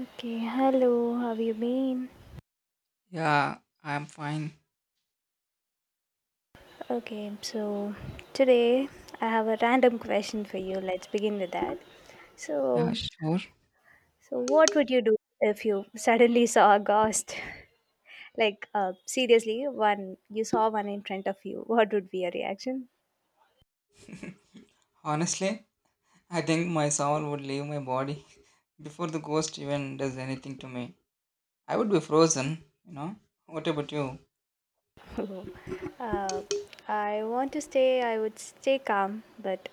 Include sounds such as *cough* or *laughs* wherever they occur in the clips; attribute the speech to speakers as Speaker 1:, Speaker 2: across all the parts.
Speaker 1: Okay, hello, how have you been?
Speaker 2: Yeah, I'm fine.
Speaker 1: Okay, so today I have a random question for you. Let's begin with that.
Speaker 2: Yeah,
Speaker 1: So,
Speaker 2: sure.
Speaker 1: so, what would you do if you suddenly saw a ghost? *laughs* Seriously, one you saw one in front of you. What would be your reaction?
Speaker 2: Honestly, I think my soul would leave my body *laughs* before the ghost even does anything to me. I would be frozen. What about you?
Speaker 1: *laughs* uh, I want to stay. I would stay calm, but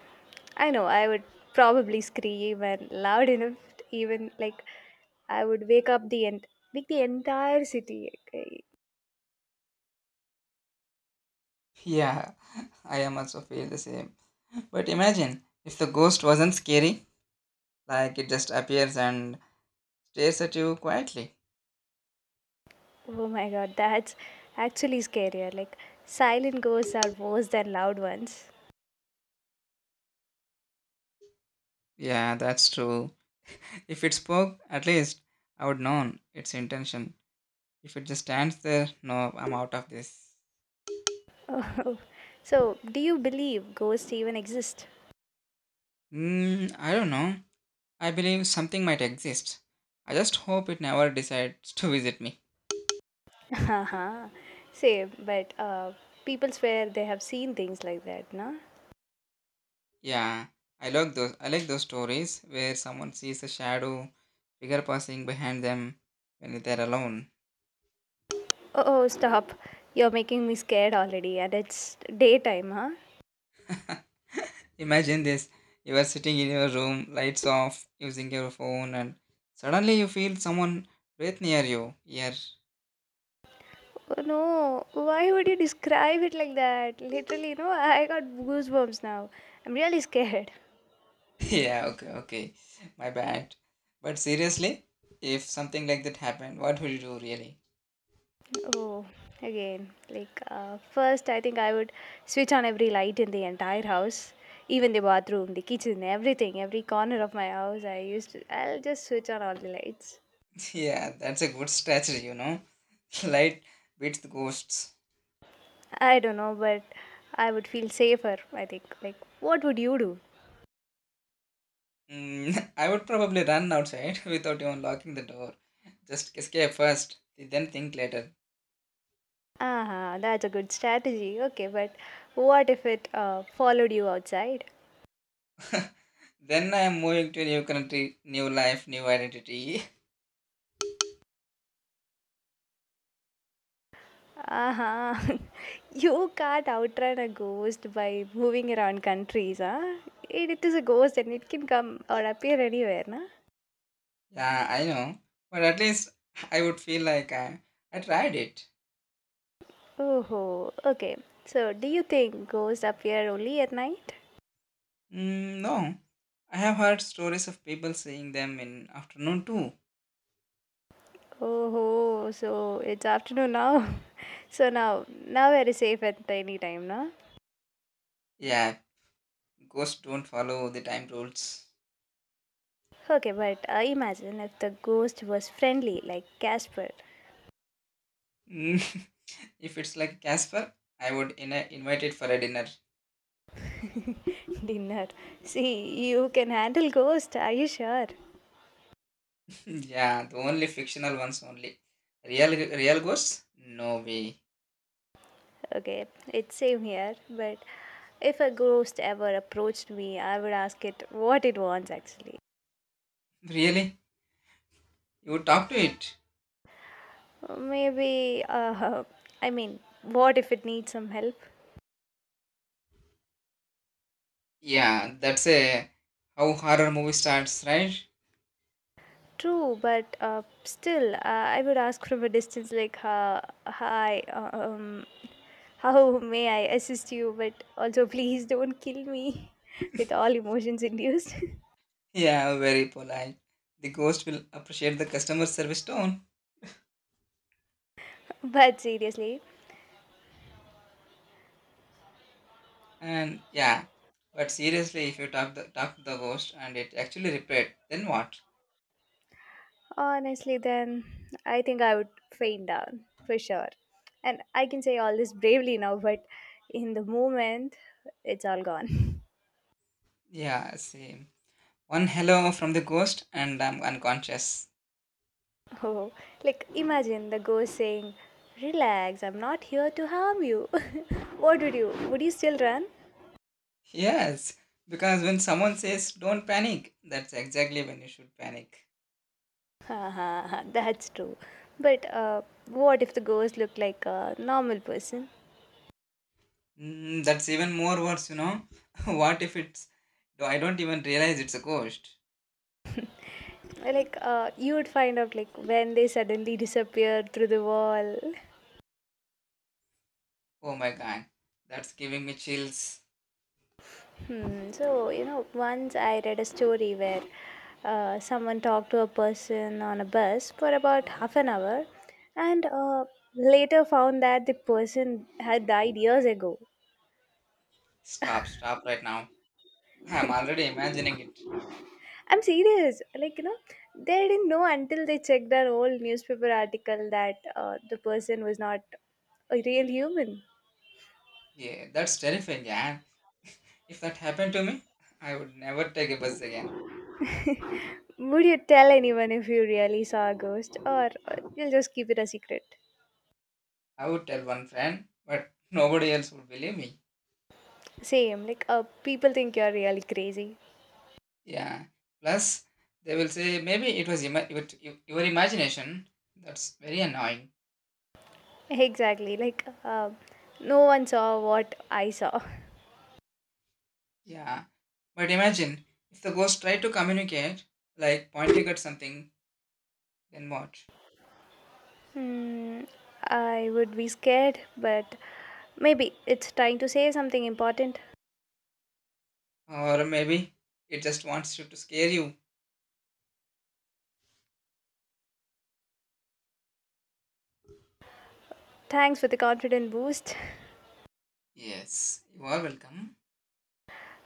Speaker 1: I know I would probably scream and loud enough, even like I would wake the entire city. Okay?
Speaker 2: Yeah, *laughs* I am also feel the same. But imagine if the ghost wasn't scary, like it just appears and stares at you quietly.
Speaker 1: Oh my god, that's actually scarier. Like, silent ghosts are worse than loud ones.
Speaker 2: Yeah, that's true. If it spoke, at least I would know its intention. If it just stands there, no, I'm out of this.
Speaker 1: Oh, so, do you believe ghosts even exist?
Speaker 2: I don't know. I believe something might exist. I just hope it never decides to visit me.
Speaker 1: *laughs* Haha, same, but people swear they have seen things like that, no?
Speaker 2: Yeah, I like those stories where someone sees a shadow figure passing behind them when they're alone.
Speaker 1: Oh, oh, stop. You're making me scared already, and it's daytime, huh?
Speaker 2: Imagine this: you are sitting in your room, lights off, using your phone, and suddenly you feel someone breathe near you. Yeah,
Speaker 1: Oh no, why would you describe it like that? Literally, no, I got goosebumps now. I'm really scared.
Speaker 2: *laughs* yeah. Okay, okay. My bad. But seriously, if something like that happened, what would you do really?
Speaker 1: Oh, again, first, I think I would switch on every light in the entire house, even the bathroom, the kitchen, everything, every corner of my house. I'll just switch on all the lights.
Speaker 2: Yeah, that's a good strategy. *laughs* Light beats the ghosts.
Speaker 1: I don't know, but I would feel safer, I think. Like, what would you do?
Speaker 2: *laughs* I would probably run outside *laughs* without even locking the door. Just escape first, then think later.
Speaker 1: Ah, that's a good strategy. Okay, but what if it followed you outside?
Speaker 2: Then I am moving to a new country, new life, new identity. *laughs*
Speaker 1: Uh-huh. *laughs* You can't outrun a ghost by moving around countries, huh? It is a ghost and it can come or appear anywhere, na?
Speaker 2: Yeah, I know. But at least *laughs* I would feel like I tried it.
Speaker 1: Oh, okay. So, do you think ghosts appear only at night?
Speaker 2: Mm, no, I have heard stories of people seeing them in afternoon too.
Speaker 1: Oh, so it's afternoon now. *laughs* So now we're safe at any time, na?
Speaker 2: Yeah, ghosts don't follow the time rules.
Speaker 1: Okay, but imagine if the ghost was friendly, like Casper.
Speaker 2: *laughs* If it's like Casper, I would in invite it for a dinner.
Speaker 1: *laughs* Dinner. See, you can handle ghost. Are you sure?
Speaker 2: *laughs* Yeah, the only fictional ones only. Real ghosts? No way. *laughs*
Speaker 1: Okay, it's same here, but if a ghost ever approached me, I would ask it what it wants actually.
Speaker 2: Really? You would talk to it?
Speaker 1: Maybe, *laughs* I mean, what if it needs some help?
Speaker 2: Yeah, that's a how horror movie starts, right?
Speaker 1: True, but still, I would ask from a distance, hi, how may I assist you? But also, *laughs* please don't kill me *laughs* with all emotions induced.
Speaker 2: *laughs* Yeah, very polite. The ghost will appreciate the customer service tone.
Speaker 1: *laughs* But seriously,
Speaker 2: And yeah, but seriously, if you talk to the ghost and it actually replied, then what?
Speaker 1: honestly, then I think I would faint down for sure. And I can say all this bravely now, but in the moment, it's all gone.
Speaker 2: Yeah, same. One hello from the ghost and I'm unconscious.
Speaker 1: *laughs* Oh, like imagine the ghost saying, "Relax, I'm not here to harm you." *laughs* what would you? Would you still run?
Speaker 2: Yes, because when someone says don't panic, that's exactly when you should panic.
Speaker 1: *laughs* Haha, that's true. But what if the ghost looked like a normal person?
Speaker 2: That's even more worse. *laughs* What if it's. No, I don't even realize it's a ghost.
Speaker 1: You would find out like when they suddenly disappeared through the wall.
Speaker 2: Oh my god, that's giving me chills.
Speaker 1: Hmm. So, you know, once I read a story where someone talked to a person on a bus for about half an hour and later found that the person had died years ago.
Speaker 2: Stop, stop right now. I'm already imagining it.
Speaker 1: I'm serious. Like, you know, they didn't know until they checked an old newspaper article that the person was not a real human.
Speaker 2: Yeah, that's terrifying, yeah. If that happened to me, I would never take a bus again.
Speaker 1: Would you tell anyone if you really saw a ghost or you'll just keep it a secret?
Speaker 2: I would tell one friend, but nobody else would believe me.
Speaker 1: Same. People think you're really crazy.
Speaker 2: Yeah. Plus, they will say maybe it was your imagination. That's very annoying.
Speaker 1: Exactly. No one saw what I saw.
Speaker 2: Yeah. But imagine if the ghost tried to communicate, like pointing at something, then what?
Speaker 1: Hmm, I would be scared, but maybe it's trying to say something important.
Speaker 2: Or maybe it just wants you to scare you.
Speaker 1: Thanks for the confident boost.
Speaker 2: Yes, you are welcome.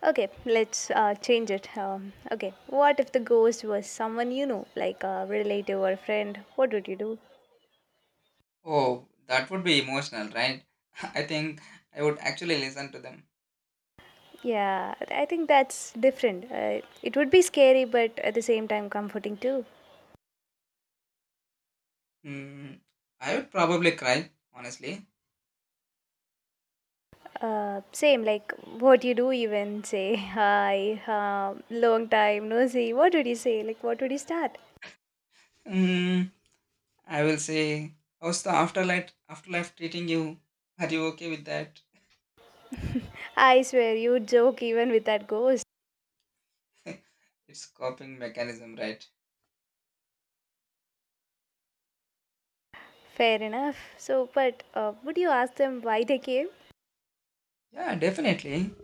Speaker 1: Okay, let's change it. Okay, what if the ghost was someone you know, like a relative or a friend? What would you do?
Speaker 2: Oh, that would be emotional, right? *laughs* I think I would actually listen to them.
Speaker 1: Yeah, I think that's different. It would be scary, but at the same time, comforting too.
Speaker 2: Hmm. I would probably cry, honestly.
Speaker 1: Same like what you do even say, *laughs* hi, long time no see. What would you say? Like, what would you start?
Speaker 2: Hmm. I will say, how's the afterlife treating you? Are you okay with that?
Speaker 1: I swear you joke even with that ghost.
Speaker 2: *laughs* It's coping mechanism, right?
Speaker 1: Fair enough, so but would you ask them why they came?
Speaker 2: Yeah, definitely.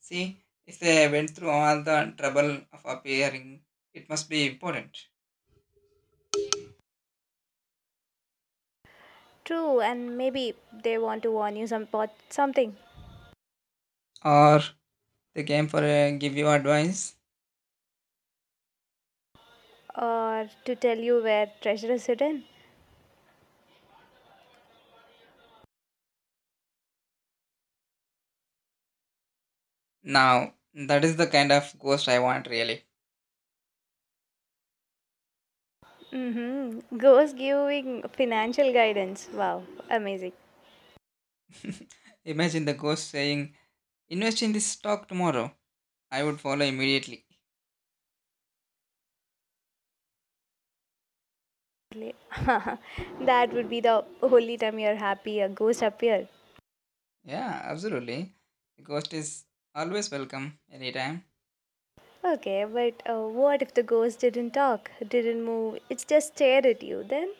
Speaker 2: See, if they went through all the trouble of appearing, it must be important.
Speaker 1: True, and maybe they want to warn you something,
Speaker 2: Or they came for a give you advice.
Speaker 1: or to tell you where treasure is hidden.
Speaker 2: Now that is the kind of ghost I want really.
Speaker 1: Mm-hmm. Ghost giving financial guidance, wow, amazing.
Speaker 2: *laughs* Imagine the ghost saying, invest in this stock tomorrow. I would follow immediately.
Speaker 1: *laughs* That would be the only time you're happy a ghost appear.
Speaker 2: Yeah, absolutely. The ghost is always welcome anytime.
Speaker 1: Okay, but what if the ghost didn't talk, didn't move, it just stared at you then?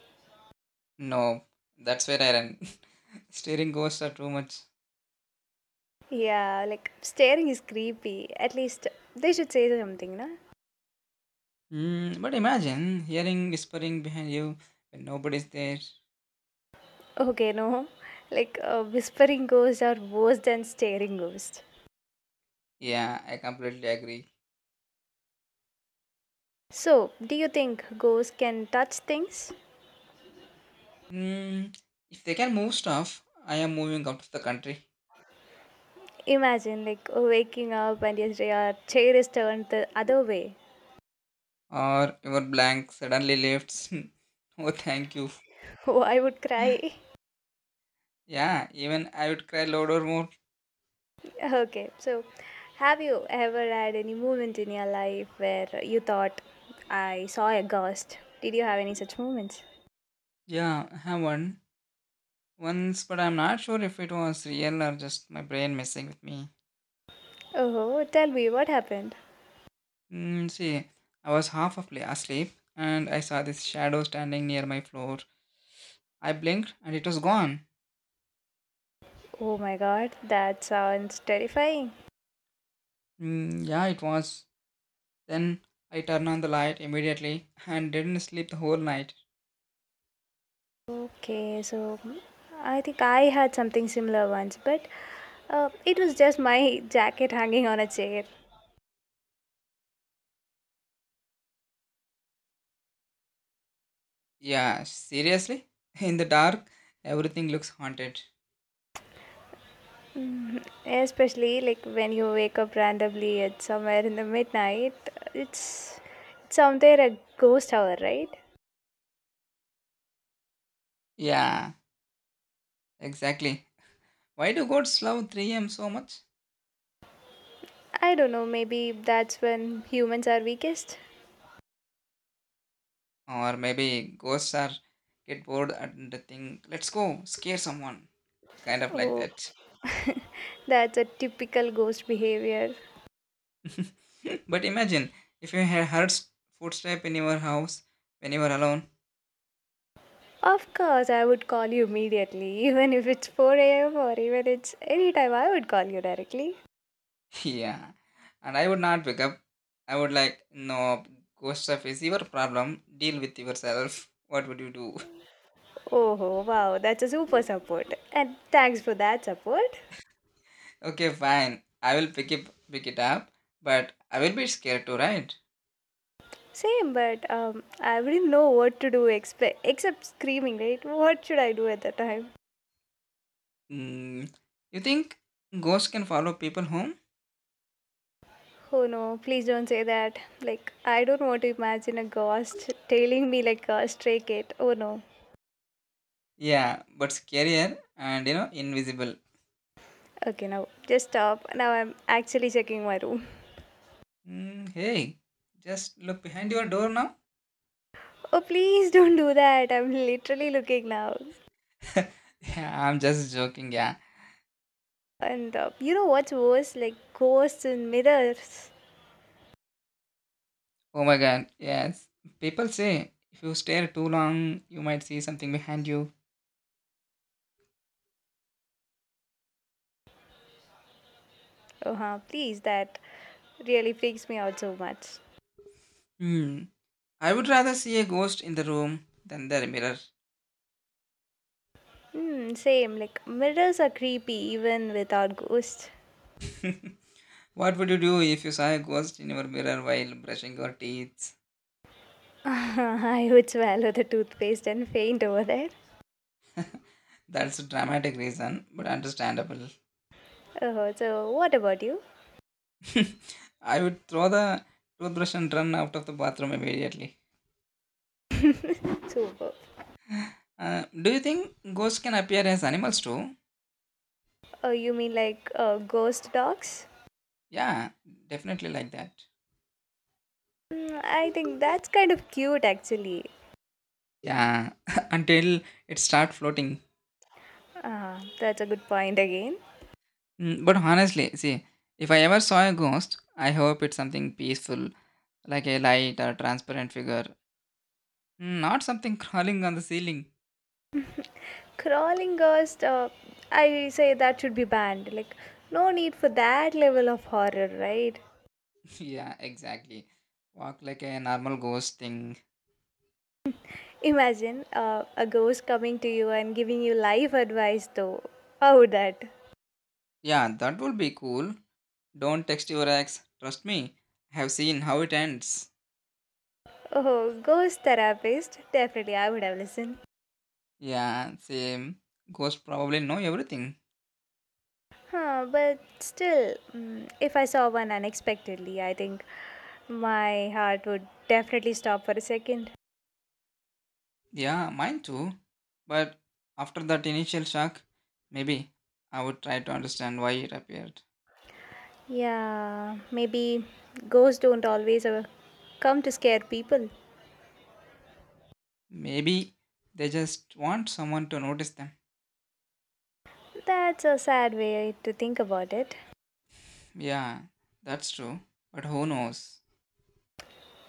Speaker 2: No, that's where I ran. *laughs* Steering ghosts are too much.
Speaker 1: Yeah, like staring is creepy. At least they should say something, na?
Speaker 2: But imagine hearing whispering behind you when nobody's there.
Speaker 1: Okay, no. Whispering ghosts are worse than staring ghosts.
Speaker 2: Yeah, I completely agree.
Speaker 1: So, do you think ghosts can touch things?
Speaker 2: Mm, if they can move stuff, I am moving out of the country.
Speaker 1: Imagine like waking up and yes, your chair is turned the other way.
Speaker 2: Or your blank suddenly lifts. *laughs* Oh, thank you.
Speaker 1: *laughs* Oh, I would cry.
Speaker 2: Yeah, even I would cry louder more.
Speaker 1: Okay, so have you ever had any moment in your life where you thought, I saw a ghost? Did you have any such moments?
Speaker 2: Yeah, I have one. Once, but I'm not sure if it was real or just my brain messing with me.
Speaker 1: Oh, tell me what happened.
Speaker 2: See, I was half asleep and I saw this shadow standing near my floor. I blinked and it was gone.
Speaker 1: Oh my god, that sounds terrifying.
Speaker 2: Mm, yeah, it was. Then I turned on the light immediately and didn't sleep the whole night.
Speaker 1: Okay, so I think I had something similar once, but it was just my jacket hanging on a chair.
Speaker 2: Yeah, seriously? *laughs* In the dark, everything looks haunted.
Speaker 1: Especially like when you wake up randomly at somewhere in the midnight, it's it's somewhere a ghost hour, right?
Speaker 2: Yeah, exactly. Why do ghosts love 3 a.m. so much?
Speaker 1: I don't know, maybe that's when humans are weakest.
Speaker 2: Or maybe ghosts are get bored and think, let's go, scare someone. Kind of like
Speaker 1: Oh,
Speaker 2: that.
Speaker 1: *laughs* that's a typical ghost behavior.
Speaker 2: *laughs* But imagine if you heard footstep in your house when you were alone.
Speaker 1: Of course, I would call you immediately, *laughs* even if it's 4 a.m. or even it's any time, I would call you directly.
Speaker 2: *laughs* Yeah. And I would not wake up. I would like, no, ghost stuff is your problem. Deal with yourself. What would you do?
Speaker 1: Oh, wow, that's a super support. And thanks for that support.
Speaker 2: *laughs* Okay, fine. I will pick it up, but I will be scared too, right?
Speaker 1: Same, but I wouldn't know what to do except screaming, right? What should I do at the time?
Speaker 2: Mm, you think ghosts can follow people home?
Speaker 1: Oh no, please don't say that. Like, I don't want to imagine a ghost tailing me like a stray cat. Oh no.
Speaker 2: Yeah, but scarier and invisible.
Speaker 1: Okay, now just stop. Now I'm actually checking my room. *laughs*
Speaker 2: Hey, just look behind your door now.
Speaker 1: Oh, please don't do that. I'm literally looking now.
Speaker 2: *laughs* Yeah, I'm just joking. Yeah.
Speaker 1: And you know what's worse? Like, ghosts in mirrors.
Speaker 2: Oh my god, yes. People say if you stare too long, you might see something behind you.
Speaker 1: Oh, huh, please, that really freaks me out so much.
Speaker 2: Hmm. I would rather see a ghost in the room than the mirror.
Speaker 1: Hmm, same. Like, mirrors are creepy even without ghosts.
Speaker 2: What would you do if you saw a ghost in your mirror while brushing your teeth?
Speaker 1: *laughs* I would swallow the toothpaste and faint over there.
Speaker 2: That's a dramatic reason, but understandable.
Speaker 1: Oh, so what about you?
Speaker 2: *laughs* I would throw the toothbrush and run out of the bathroom immediately.
Speaker 1: *laughs* Super.
Speaker 2: Do you think ghosts can appear as animals too?
Speaker 1: Oh, you mean ghost dogs?
Speaker 2: Yeah, definitely like that.
Speaker 1: Mm, I think that's kind of cute actually.
Speaker 2: Yeah, *laughs* until it start floating.
Speaker 1: Ah, that's a good point again.
Speaker 2: But honestly, see, if I ever saw a ghost, I hope it's something peaceful, like a light or transparent figure, not something *laughs* crawling on the ceiling.
Speaker 1: Crawling ghost, I say that should be banned. Like, no need for that level of horror, right?
Speaker 2: *laughs* Yeah, exactly. Walk like a normal ghost thing.
Speaker 1: Imagine a ghost coming to you and giving you life advice, though. How would that?
Speaker 2: Yeah, that would be cool. Don't text your ex. Trust me, I have seen how it ends.
Speaker 1: Oh, ghost therapist. Definitely, I would have listened.
Speaker 2: Yeah, same. Ghosts probably know everything.
Speaker 1: Huh, but still, mm, if I saw one unexpectedly, I think my heart would definitely stop for a second.
Speaker 2: Yeah, mine too. But after that initial shock, maybe I would try to understand why it appeared.
Speaker 1: Yeah, maybe ghosts don't always come to scare people.
Speaker 2: Maybe they just want someone to notice them.
Speaker 1: That's a sad way to think about it.
Speaker 2: Yeah, that's true. But who knows?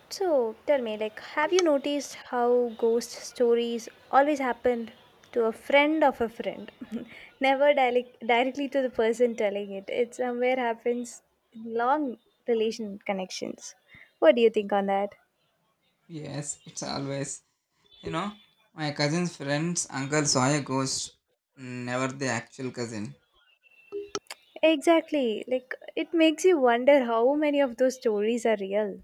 Speaker 1: So tell me, like, have you noticed how ghost stories always happen to a friend of a friend? *laughs* Never direct, directly to the person telling it. It somewhere happens in long relation connections. What do you think on that?
Speaker 2: Yes, it's always. You know, my cousin's friend's uncle saw a ghost, never the actual cousin.
Speaker 1: Exactly. Like, it makes you wonder how many of those stories are real.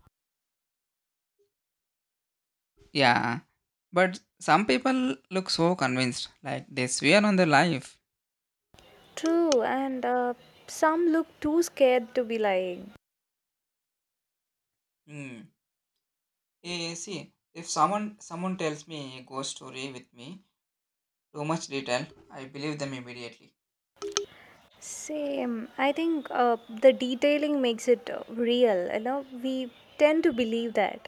Speaker 2: Yeah, but some people look so convinced, like they swear on their life.
Speaker 1: True, and some look too scared to be lying.
Speaker 2: Hmm. See, if someone tells me a ghost story with me too much detail, I believe them immediately.
Speaker 1: Same. I think the detailing makes it real. You know, we tend to believe that.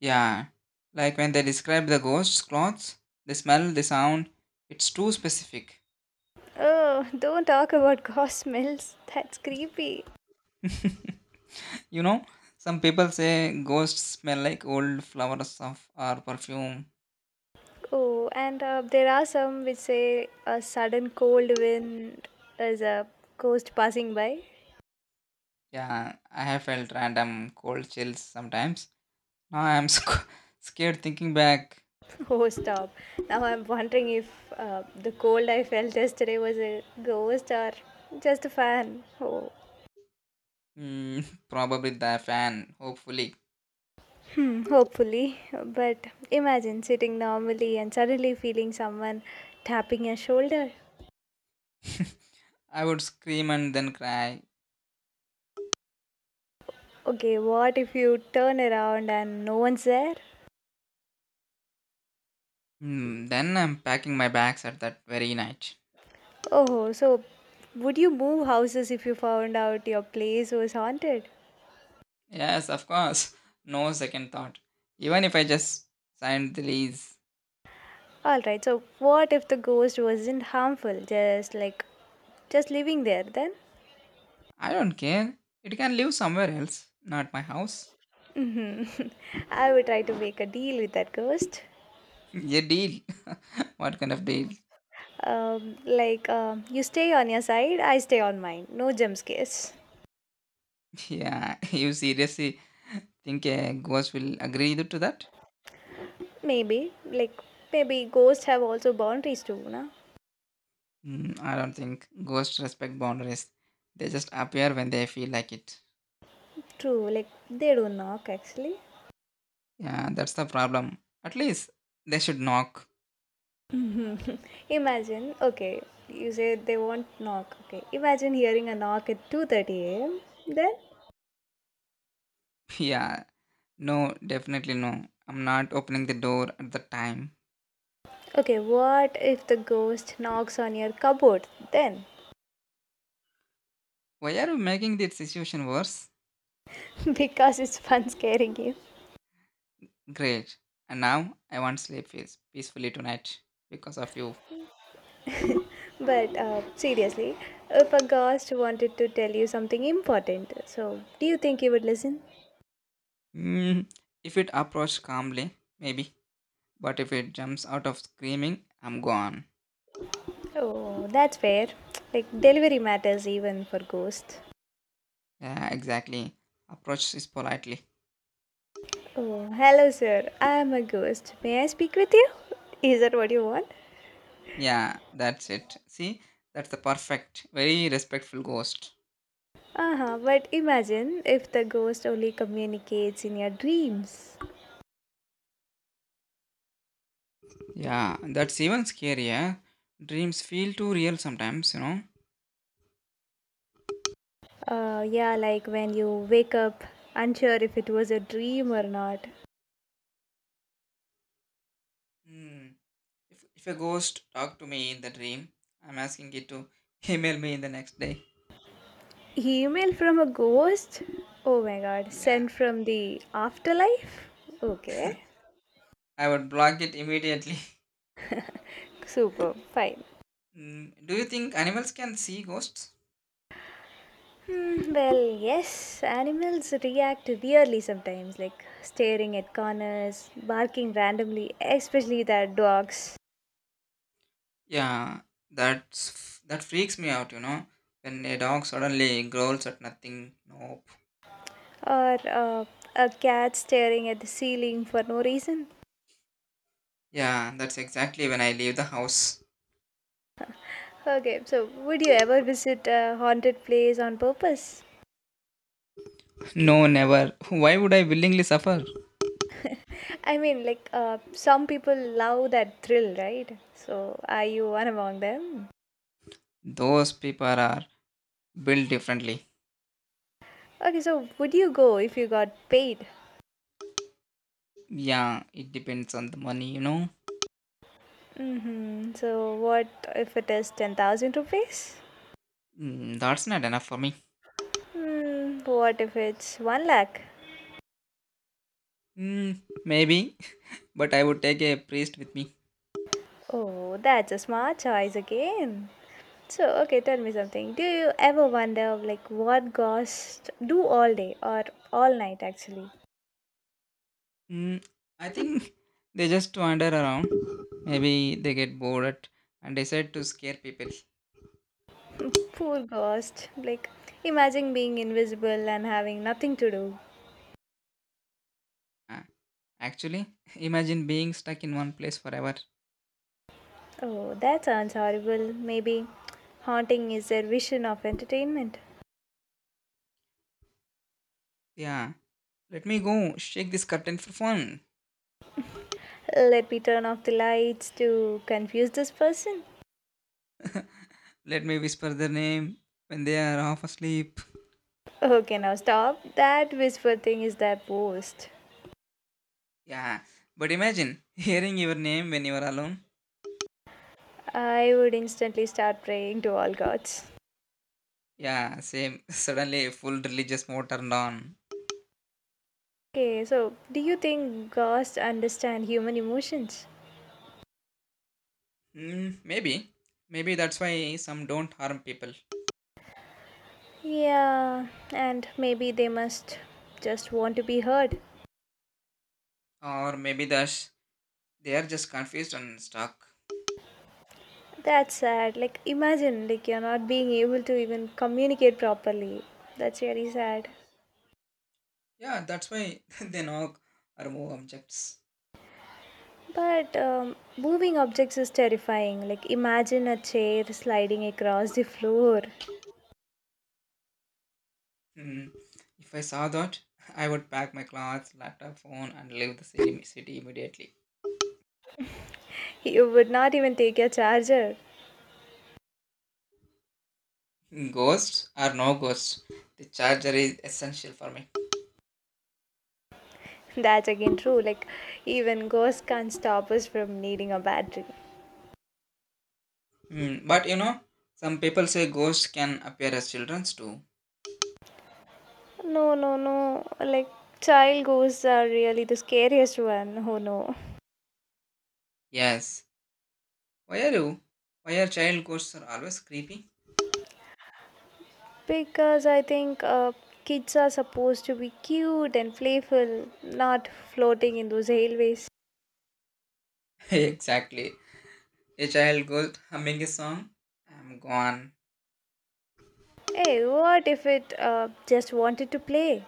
Speaker 2: Yeah, like when they describe the ghost's clothes, the smell, the sound, it's too specific.
Speaker 1: Oh, don't talk about *laughs* ghost smells. That's creepy.
Speaker 2: You know, some people say ghosts smell like old flowers of or perfume.
Speaker 1: Oh, and there are some which say a sudden cold wind is a ghost passing by.
Speaker 2: Yeah, I have felt random cold chills sometimes. Now I'm *laughs* scared thinking back.
Speaker 1: *laughs* Oh, stop. Now I'm wondering if the cold I felt yesterday was a ghost or just a fan. Oh.
Speaker 2: *laughs* Probably the fan, hopefully.
Speaker 1: Hmm, hopefully. But imagine sitting normally and suddenly feeling someone tapping your shoulder.
Speaker 2: *laughs* I would scream and then cry.
Speaker 1: Okay, what if you turn around and no one's there?
Speaker 2: Then I'm packing my bags at that very night.
Speaker 1: Oh, so would you move houses if you found out your place was haunted?
Speaker 2: Yes, of course. *laughs* No second thought. Even if I just signed the lease,
Speaker 1: Alright, so what if the ghost wasn't harmful, just like just living there then?
Speaker 2: I don't care. It can live somewhere else, not my house.
Speaker 1: Hmm. *laughs* I would try to make a deal with that ghost.
Speaker 2: *laughs* Yeah, deal. *laughs* What kind of deal? *laughs*
Speaker 1: Like, you stay on your side, I stay on mine. No jump scares.
Speaker 2: Yeah, *laughs* you seriously think a ghost will agree to that?
Speaker 1: Maybe, like, maybe ghosts have also boundaries too, na?
Speaker 2: I don't think ghosts respect boundaries. They just appear when they feel like it.
Speaker 1: True, like, they don't knock actually.
Speaker 2: Yeah, that's the problem. At least they should knock.
Speaker 1: Mhm. *laughs* Imagine, okay, you say they won't knock, okay. Imagine hearing a knock at 2:30 a.m. Then,
Speaker 2: *laughs* Yeah, no, definitely no. I'm not opening the door at the time.
Speaker 1: okay, what if the ghost knocks on your cupboard then?
Speaker 2: Why are you making this situation worse?
Speaker 1: *laughs* Because it's fun scaring you.
Speaker 2: Great. And now I want sleep peacefully tonight because of you.
Speaker 1: But seriously, if a ghost wanted to tell you something important, so do you think you would listen?
Speaker 2: Mm, if it approached calmly, maybe. But if it jumps out of screaming, I'm gone.
Speaker 1: Oh, that's fair. Like, delivery matters even for ghosts.
Speaker 2: Yeah, exactly. Approach is politely.
Speaker 1: Oh, hello, sir. I am a ghost. May I speak with you? Is that what you want?
Speaker 2: Yeah, that's it. See, that's the perfect, very respectful ghost.
Speaker 1: Uh huh. But imagine if the ghost only communicates in your dreams.
Speaker 2: Yeah, that's even scarier. Dreams feel too real sometimes.
Speaker 1: Yeah, like when you wake up unsure if it was a dream or not.
Speaker 2: Hmm. If a ghost talked to me in the dream, I'm asking it to *laughs* email me in the next day.
Speaker 1: Email from a ghost? Oh my god.
Speaker 2: Yeah,
Speaker 1: Sent from the afterlife? Okay.
Speaker 2: I would block it immediately. *laughs*
Speaker 1: Super. Fine.
Speaker 2: Do you think animals can see ghosts?
Speaker 1: Mm, well, yes, animals react weirdly sometimes, like staring at corners, barking randomly, especially their dogs,
Speaker 2: Yeah, that's that freaks me out, when a dog suddenly growls at nothing. Nope.
Speaker 1: or a cat staring at the ceiling for no reason.
Speaker 2: Yeah, that's exactly when I leave the house.
Speaker 1: Okay, so would you ever visit a haunted place on purpose?
Speaker 2: *laughs* No, never. Why would I willingly suffer?
Speaker 1: *laughs* I mean, some people love that thrill, right? So, are you one among them?
Speaker 2: Those people are built differently.
Speaker 1: Okay, so would you go if you got paid?
Speaker 2: Yeah, it depends on the money.
Speaker 1: Mm-hmm. So, what if it is 10,000 rupees?
Speaker 2: That's not enough for me.
Speaker 1: Hmm, what if it's 1 lakh?
Speaker 2: Mm, Maybe but I would take a priest with me.
Speaker 1: Oh, that's a smart choice again. So, okay, tell me something. Do you ever wonder, like, what ghosts do all day or all night actually?
Speaker 2: Mm, I think *laughs* they just wander around. Maybe they get bored and decide to scare people.
Speaker 1: *laughs* Poor ghost. Like, imagine being invisible and having nothing to do.
Speaker 2: Ah, Actually, *laughs* imagine being stuck in one place forever.
Speaker 1: Oh, that sounds horrible. Maybe haunting is their vision of entertainment.
Speaker 2: Yeah, let me go shake this curtain for fun.
Speaker 1: Let me turn off the lights to confuse this person.
Speaker 2: Let me whisper their name when they are half asleep.
Speaker 1: Okay, now stop. That whisper thing is their post.
Speaker 2: Yeah, but imagine *laughs* hearing your name when you are alone.
Speaker 1: I would instantly start praying to all gods.
Speaker 2: Yeah, same. *laughs* Suddenly, full religious mode turned on.
Speaker 1: Okay, so do you think gods understand human emotions?
Speaker 2: Maybe. Maybe that's why some don't harm people.
Speaker 1: Yeah, and maybe they must just want to be heard.
Speaker 2: Or maybe that's they are just confused and stuck.
Speaker 1: That's sad. Like, imagine, like, you're not being able to even communicate properly. That's really sad.
Speaker 2: Yeah, that's why *laughs* they knock or move objects.
Speaker 1: But moving objects is terrifying. Like, imagine a chair sliding across the floor.
Speaker 2: Hmm. If I saw that, I would pack my clothes, laptop, phone, and leave the city immediately.
Speaker 1: You would not even take your charger.
Speaker 2: Ghosts or no ghosts, the charger is essential for me.
Speaker 1: That's again true. Like, even ghosts can't stop us from needing a battery.
Speaker 2: Hmm. But some people say ghosts can appear as children too.
Speaker 1: No, no, no. Like, child ghosts are really the scariest one. Oh no.
Speaker 2: Yes. Why are you? Why are child ghosts are always creepy?
Speaker 1: Because I think kids are supposed to be cute and playful, not floating in those hallways.
Speaker 2: *laughs* Exactly. A child ghost humming a song. I'm gone.
Speaker 1: Hey, what if it just wanted to play?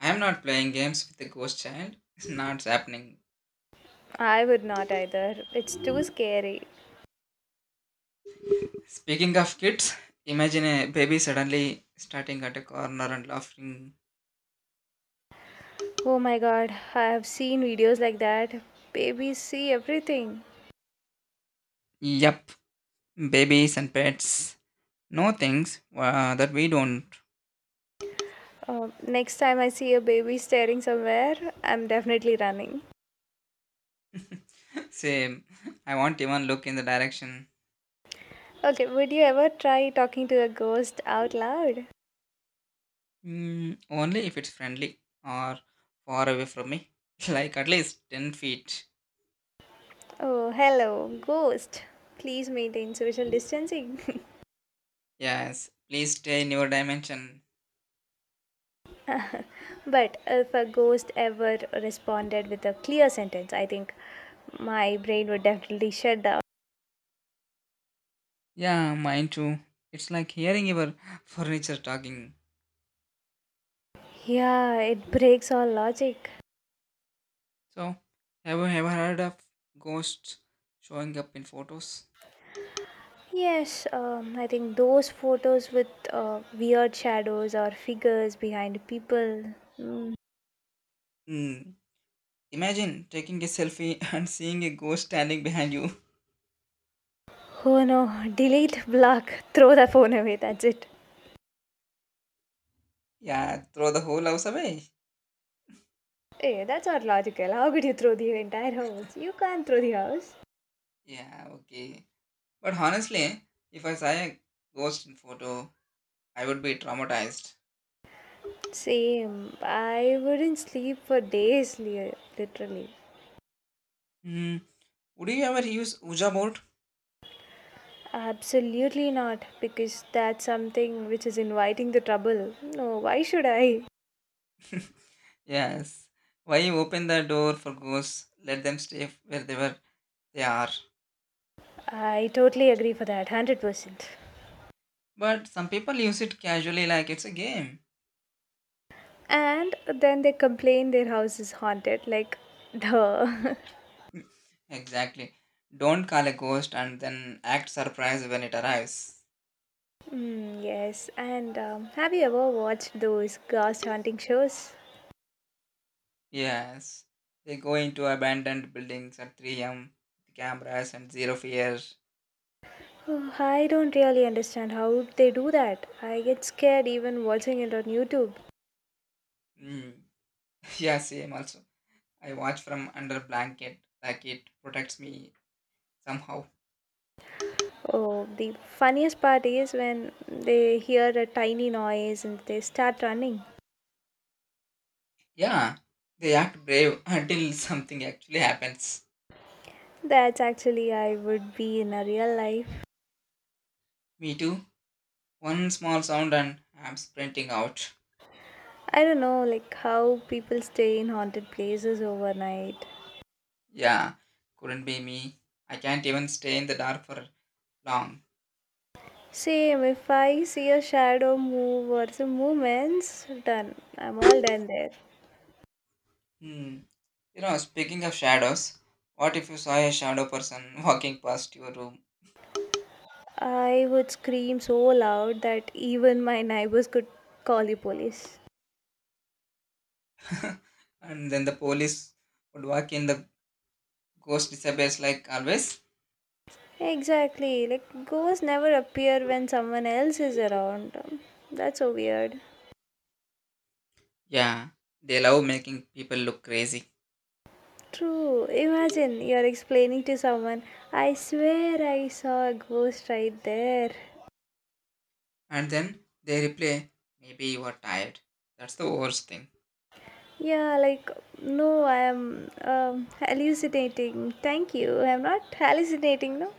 Speaker 2: I'm not playing games with a ghost child. It's not happening.
Speaker 1: I would not either. It's too scary.
Speaker 2: Speaking of kids, imagine a baby suddenly starting at a corner and laughing.
Speaker 1: Oh my god, I have seen videos like that. Babies see everything.
Speaker 2: Yep, babies and pets. No things that we don't.
Speaker 1: Next time I see a baby staring somewhere, I'm definitely running.
Speaker 2: *laughs* Same. I won't even look in the direction.
Speaker 1: Okay, would you ever try talking to a ghost out loud?
Speaker 2: Mm, only if it's friendly or far away from me. *laughs* Like at least 10 feet.
Speaker 1: Oh, hello, ghost. Please maintain social distancing.
Speaker 2: Yes, please stay in your dimension.
Speaker 1: *laughs* But if a ghost ever responded with a clear sentence, I think my brain would definitely shut down.
Speaker 2: Yeah, mine too. It's like hearing your *laughs* furniture talking.
Speaker 1: Yeah, it breaks all logic.
Speaker 2: So, have you ever heard of ghosts showing up in photos?
Speaker 1: Yes, I think those photos with weird shadows or figures behind people. Mm.
Speaker 2: Hmm. Imagine taking a selfie *laughs* and seeing a ghost standing behind you.
Speaker 1: Oh no, delete, block, throw the phone away, that's it.
Speaker 2: Yeah, throw the whole house away.
Speaker 1: Hey, that's not logical. How could you throw the entire house? You can't throw the house.
Speaker 2: Yeah, okay. But honestly, if I saw a ghost in photo, I would be traumatized.
Speaker 1: Same. I wouldn't sleep for days, literally.
Speaker 2: Hmm. Would you ever use Ouija board?
Speaker 1: Absolutely not, because that's something which is inviting the trouble. No, why should I?
Speaker 2: *laughs* Yes. Why you open the door for ghosts? Let them stay where they were. They are.
Speaker 1: I totally agree for that, 100%.
Speaker 2: But some people use it casually, like it's a game.
Speaker 1: And then they complain their house is haunted, like, duh. *laughs*
Speaker 2: Exactly. Don't call a ghost and then act surprised when it arrives.
Speaker 1: Mm, yes, and have you ever watched those ghost hunting shows?
Speaker 2: Yes. They go into abandoned buildings at 3 a.m. with cameras and zero fear.
Speaker 1: Oh, I don't really understand how they do that. I get scared even watching it on YouTube.
Speaker 2: Mm. *laughs* Yeah, same also. I watch from under blanket like it protects me somehow.
Speaker 1: Oh, the funniest part is when they hear a tiny noise and they start running.
Speaker 2: Yeah. They act brave *laughs* until something actually happens.
Speaker 1: That's actually I would be in a real life.
Speaker 2: Me too. One small sound and I'm sprinting out.
Speaker 1: I don't know, like how people stay in haunted places overnight.
Speaker 2: Yeah. Couldn't be me. I can't even stay in the dark for long.
Speaker 1: Same, if I see a shadow move or some movements, done. I'm all done there.
Speaker 2: Hmm. You know, speaking of shadows, what if you saw a shadow person *laughs* walking past your room
Speaker 1: I would scream so loud that even my neighbors could call the police.
Speaker 2: and then the police would walk in, the ghost disappears like always?
Speaker 1: Exactly, like ghosts never appear when someone else is around. That's so weird.
Speaker 2: Yeah, they love making people look crazy.
Speaker 1: True, imagine you're explaining to someone, I swear I saw a ghost right there.
Speaker 2: And then they replay, maybe you are tired. That's the worst thing.
Speaker 1: Yeah, like, no, I am hallucinating. Thank you, I'm not hallucinating, no?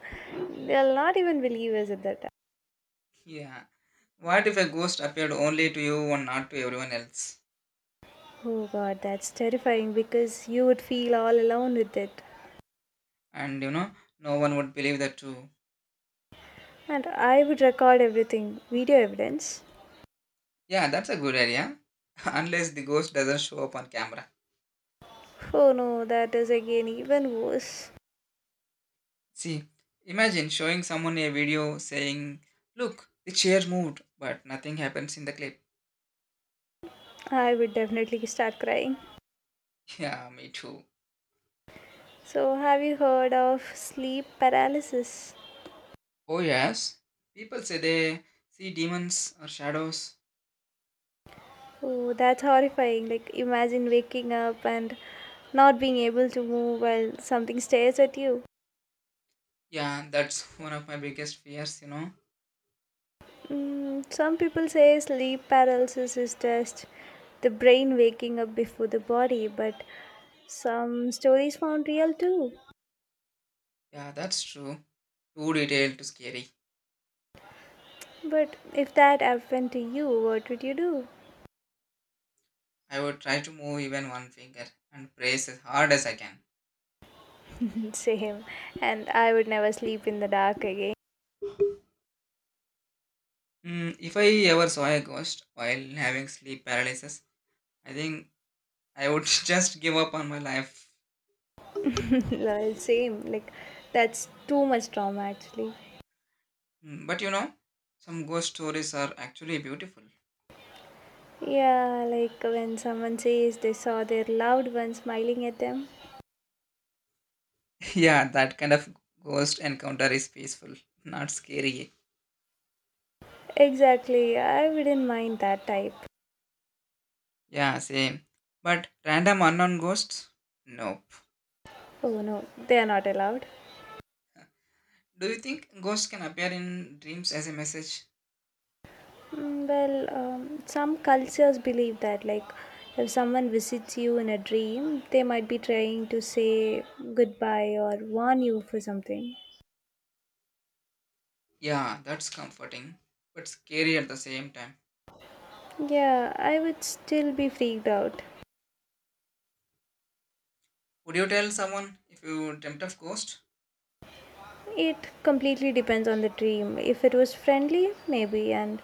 Speaker 1: They'll not even believe us at that time.
Speaker 2: Yeah. What if a ghost appeared only to you and not to everyone else?
Speaker 1: Oh god, that's terrifying because you would feel all alone with it.
Speaker 2: And you know, no one would believe that too.
Speaker 1: And I would record everything video evidence.
Speaker 2: Yeah, that's a good idea. *laughs* Unless the ghost doesn't show up on camera.
Speaker 1: Oh no, that is again even worse.
Speaker 2: See, imagine showing someone a video saying, "Look, the chair moved," but nothing happens in the clip.
Speaker 1: I would definitely start crying.
Speaker 2: *laughs* Yeah, me too.
Speaker 1: So, have you heard of sleep paralysis?
Speaker 2: Oh, yes. People say they see demons or shadows.
Speaker 1: Oh, that's horrifying. Like, imagine waking up and not being able to move while something stares at you.
Speaker 2: Yeah, that's *laughs* one of my biggest fears, you know.
Speaker 1: Mm, some people say sleep paralysis is just the brain waking up before the body, but some stories found real too.
Speaker 2: Yeah, that's true. Too detailed, too scary.
Speaker 1: But if that happened to you, what would you do?
Speaker 2: I would try to move even one finger and brace as hard as I can.
Speaker 1: *laughs* Same. And I would never sleep in the dark again.
Speaker 2: Mm, if I ever saw a ghost while having sleep paralysis, I think I would *laughs* just give up on my life.
Speaker 1: *laughs* Lol, same. Like, that's too much trauma actually.
Speaker 2: Mm, but you know, some ghost stories are actually beautiful.
Speaker 1: Yeah, like when someone says they saw their loved one smiling at them.
Speaker 2: *laughs* Yeah, that kind of ghost encounter is peaceful, not scary.
Speaker 1: Exactly, I wouldn't mind that type.
Speaker 2: Yeah, same. But random unknown ghosts? Nope.
Speaker 1: Oh no, they are not allowed.
Speaker 2: Do you think ghosts can appear in dreams as a message?
Speaker 1: Mm, well, some cultures believe that, like, if someone visits you in a dream, they might be trying to say goodbye or warn you for something.
Speaker 2: Yeah, that's comforting, but scary at the same time.
Speaker 1: Yeah, I would still be freaked out.
Speaker 2: Would you tell someone if you dreamt of ghost?
Speaker 1: It completely depends on the dream. If it was friendly, maybe, and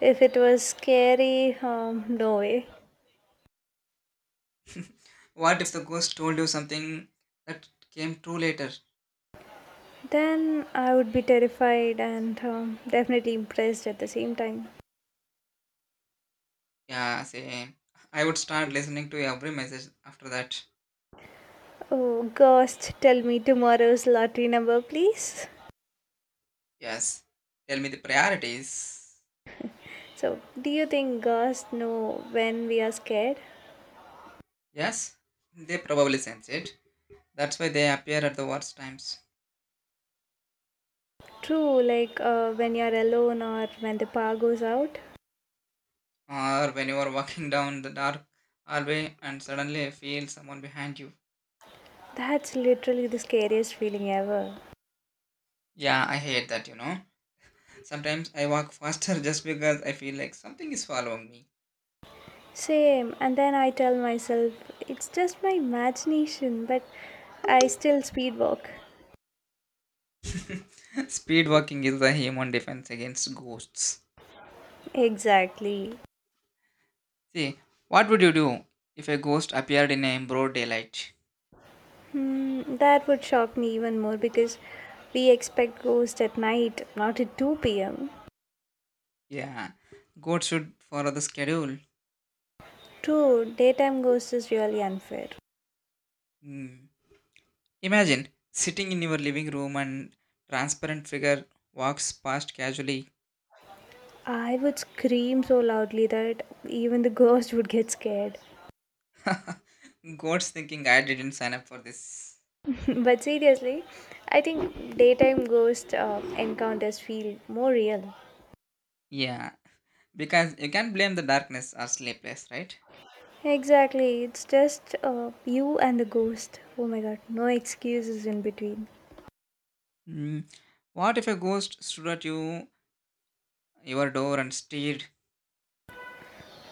Speaker 1: if it was scary, no way.
Speaker 2: What if the ghost told you something that came true later?
Speaker 1: Then I would be terrified and definitely impressed at the same time.
Speaker 2: Yeah, same. I would start listening to every message after that.
Speaker 1: Oh, ghost, tell me tomorrow's lottery number, please.
Speaker 2: Yes. Tell me the priorities.
Speaker 1: So, do you think girls know when we are scared?
Speaker 2: Yes, they probably sense it. That's why they appear at the worst times.
Speaker 1: True, like when you're alone or when the power goes out.
Speaker 2: Or when you are walking *laughs* down the dark hallway and suddenly feel someone behind you.
Speaker 1: That's literally the scariest feeling ever.
Speaker 2: Yeah, I hate that, you know. Sometimes I walk faster *laughs* just because I feel like something is following me.
Speaker 1: Same, and then I tell myself it's just my imagination, but I still speed walk.
Speaker 2: *laughs* Speed walking is the human defense against ghosts.
Speaker 1: Exactly.
Speaker 2: See, what would you do if a ghost appeared in a broad daylight?
Speaker 1: Hmm, that would shock me even more because we expect ghosts at night, not at 2 pm.
Speaker 2: Yeah, ghosts should follow the schedule.
Speaker 1: True, daytime ghosts is really unfair.
Speaker 2: Hmm. Imagine sitting in your living room and transparent figure walks past casually.
Speaker 1: I would scream so loudly that even the ghost would get scared.
Speaker 2: *laughs* Goats thinking I didn't sign up for this.
Speaker 1: *laughs* But seriously, I think daytime ghost encounters feel more real.
Speaker 2: Yeah, because you can't blame the darkness or sleepless, right?
Speaker 1: Exactly, it's just you and the ghost. Oh my god, no excuses in between.
Speaker 2: Mm. What if a ghost stood at you, your door and stared?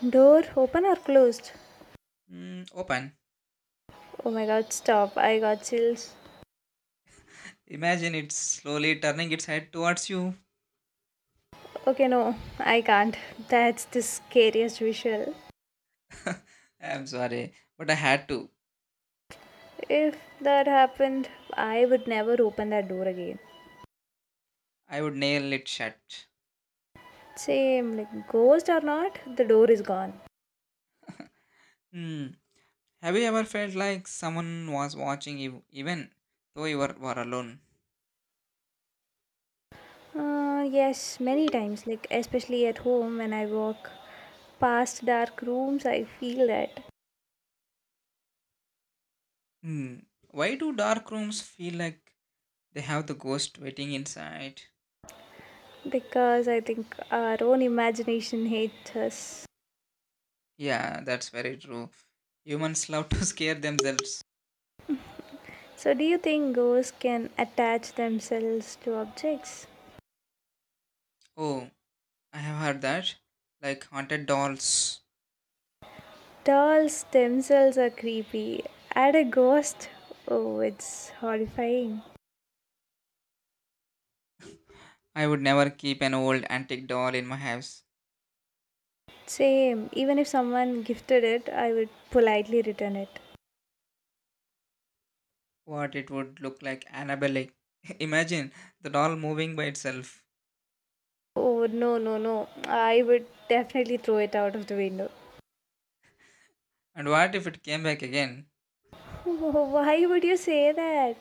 Speaker 1: Door open or closed?
Speaker 2: Mm, open.
Speaker 1: Oh my god, stop. I got chills.
Speaker 2: Imagine it slowly turning its head towards you.
Speaker 1: Okay, no, I can't. *laughs* That's the scariest visual.
Speaker 2: *laughs* I'm sorry, but I had to.
Speaker 1: If that happened, I would never open that door again.
Speaker 2: I would nail it shut.
Speaker 1: Same, like ghost or not, the door is gone.
Speaker 2: Hmm. Have you ever felt like someone was watching you even though you were alone?
Speaker 1: Yes, many times, like especially at home when I walk past dark rooms, I feel that
Speaker 2: Hmm. Why do dark rooms feel like they have the ghost waiting inside?
Speaker 1: because I think our own imagination hates us.
Speaker 2: Yeah, that's very true. Humans love to *laughs* scare themselves.
Speaker 1: So, do you think ghosts can attach themselves to objects?
Speaker 2: Oh, I have heard that. Like haunted dolls.
Speaker 1: Dolls themselves are creepy. Add a ghost, oh, it's horrifying.
Speaker 2: I would never keep an old antique doll in my house.
Speaker 1: Same, even if someone gifted it, I would politely return it.
Speaker 2: What it would look like Annabelle. *laughs* Imagine the doll moving by itself.
Speaker 1: Oh, no, no, no. I would definitely throw it out of the window.
Speaker 2: And what if it came back again?
Speaker 1: *laughs* Why would you say that?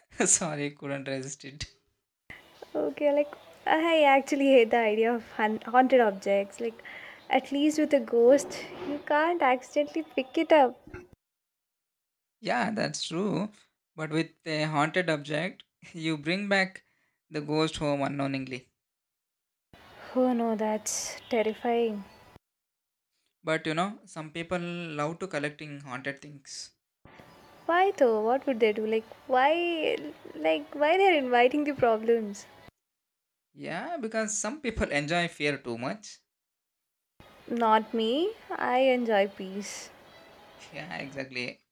Speaker 2: *laughs* Sorry, couldn't resist it.
Speaker 1: Okay, like, I actually hate the idea of haunted objects. Like, at least with a ghost, you can't accidentally pick it up.
Speaker 2: Yeah, that's true. But with a haunted object, *laughs* you bring back the ghost home unknowingly.
Speaker 1: Oh, no, that's terrifying.
Speaker 2: But you know, some people love to collecting haunted things.
Speaker 1: Why though? What would they do? Like, why? Like, why they're inviting the problems?
Speaker 2: Yeah, because some people *laughs* enjoy fear too much. *laughs*
Speaker 1: Not me. I enjoy peace.
Speaker 2: Yeah, exactly.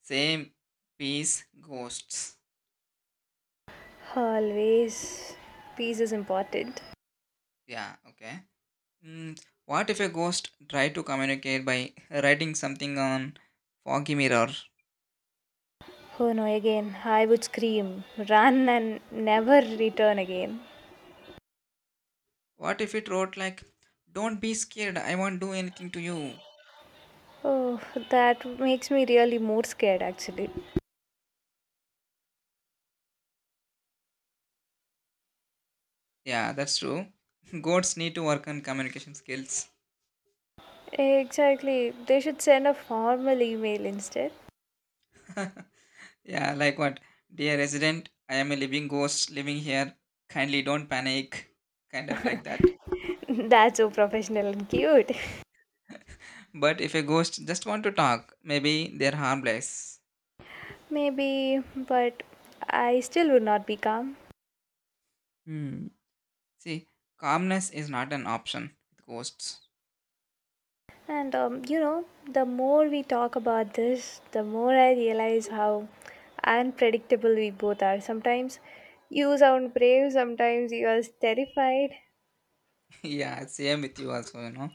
Speaker 2: Same piece, ghosts.
Speaker 1: Always. Peace is important.
Speaker 2: Yeah, okay. Mm, what if a ghost tried to communicate by *laughs* writing something on foggy mirror?
Speaker 1: Oh no, again, I would scream, run, and never return again.
Speaker 2: What if it wrote like, "Don't be scared. I won't do anything to you."
Speaker 1: Oh, that makes me really more scared actually.
Speaker 2: Yeah, that's true. *laughs* Goats need to work on communication skills.
Speaker 1: Exactly, they should send a formal email instead.
Speaker 2: *laughs* Yeah, like what? Dear resident, I am a living ghost living here. Kindly don't panic. Kind of like that.
Speaker 1: *laughs* That's so professional and cute.
Speaker 2: But if a ghost just want to talk, maybe they're harmless.
Speaker 1: *laughs* Maybe, but I still would not be calm.
Speaker 2: Hmm. See, calmness is not an option with ghosts.
Speaker 1: And you know, the more we talk about this, the more I realize how unpredictable we both are. Sometimes you sound brave, sometimes you are terrified.
Speaker 2: *laughs* Yeah, same with you also, you know.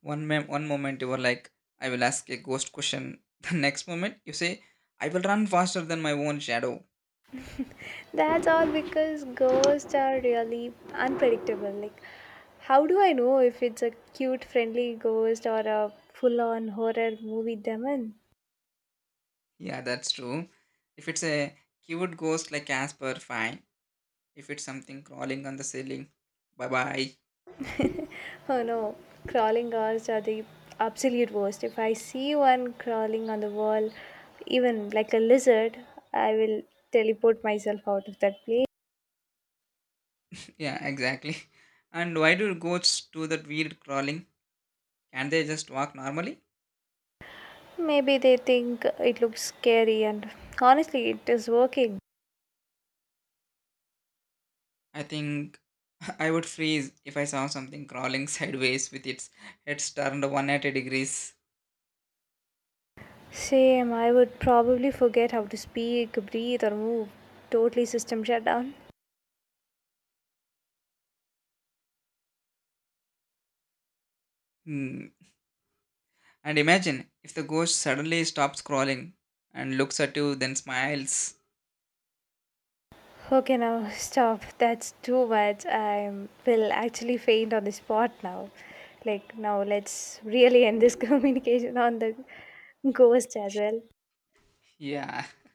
Speaker 2: One moment you were like, I will ask a ghost question. *laughs* The next moment you say, I will run faster than my own shadow.
Speaker 1: That's all because ghosts are really unpredictable. Like, how do I know if it's a cute, friendly ghost or a full on horror movie demon?
Speaker 2: Yeah, that's true. If it's a cute ghost like Casper, fine. If it's something crawling on the ceiling, bye bye.
Speaker 1: Oh no, crawling ghosts are the absolute worst. If I see one crawling on the wall, even like a lizard, I will teleport myself out of that place.
Speaker 2: *laughs* Yeah, exactly. And why do goats do that weird crawling? Can't they just walk normally?
Speaker 1: Maybe they think it looks scary, and honestly, it is working.
Speaker 2: I think *laughs* I would freeze if I saw something crawling *laughs* sideways with its head turned 180 degrees.
Speaker 1: Same, I would probably forget how to speak, breathe, or move. Totally system shutdown.
Speaker 2: Hmm. And imagine if the ghost suddenly stops crawling and looks at you, then smiles.
Speaker 1: Okay, now stop. That's too much. I will actually faint on the spot now. Like, now let's really end this *laughs* communication on the ghost as well.
Speaker 2: *laughs* Yeah,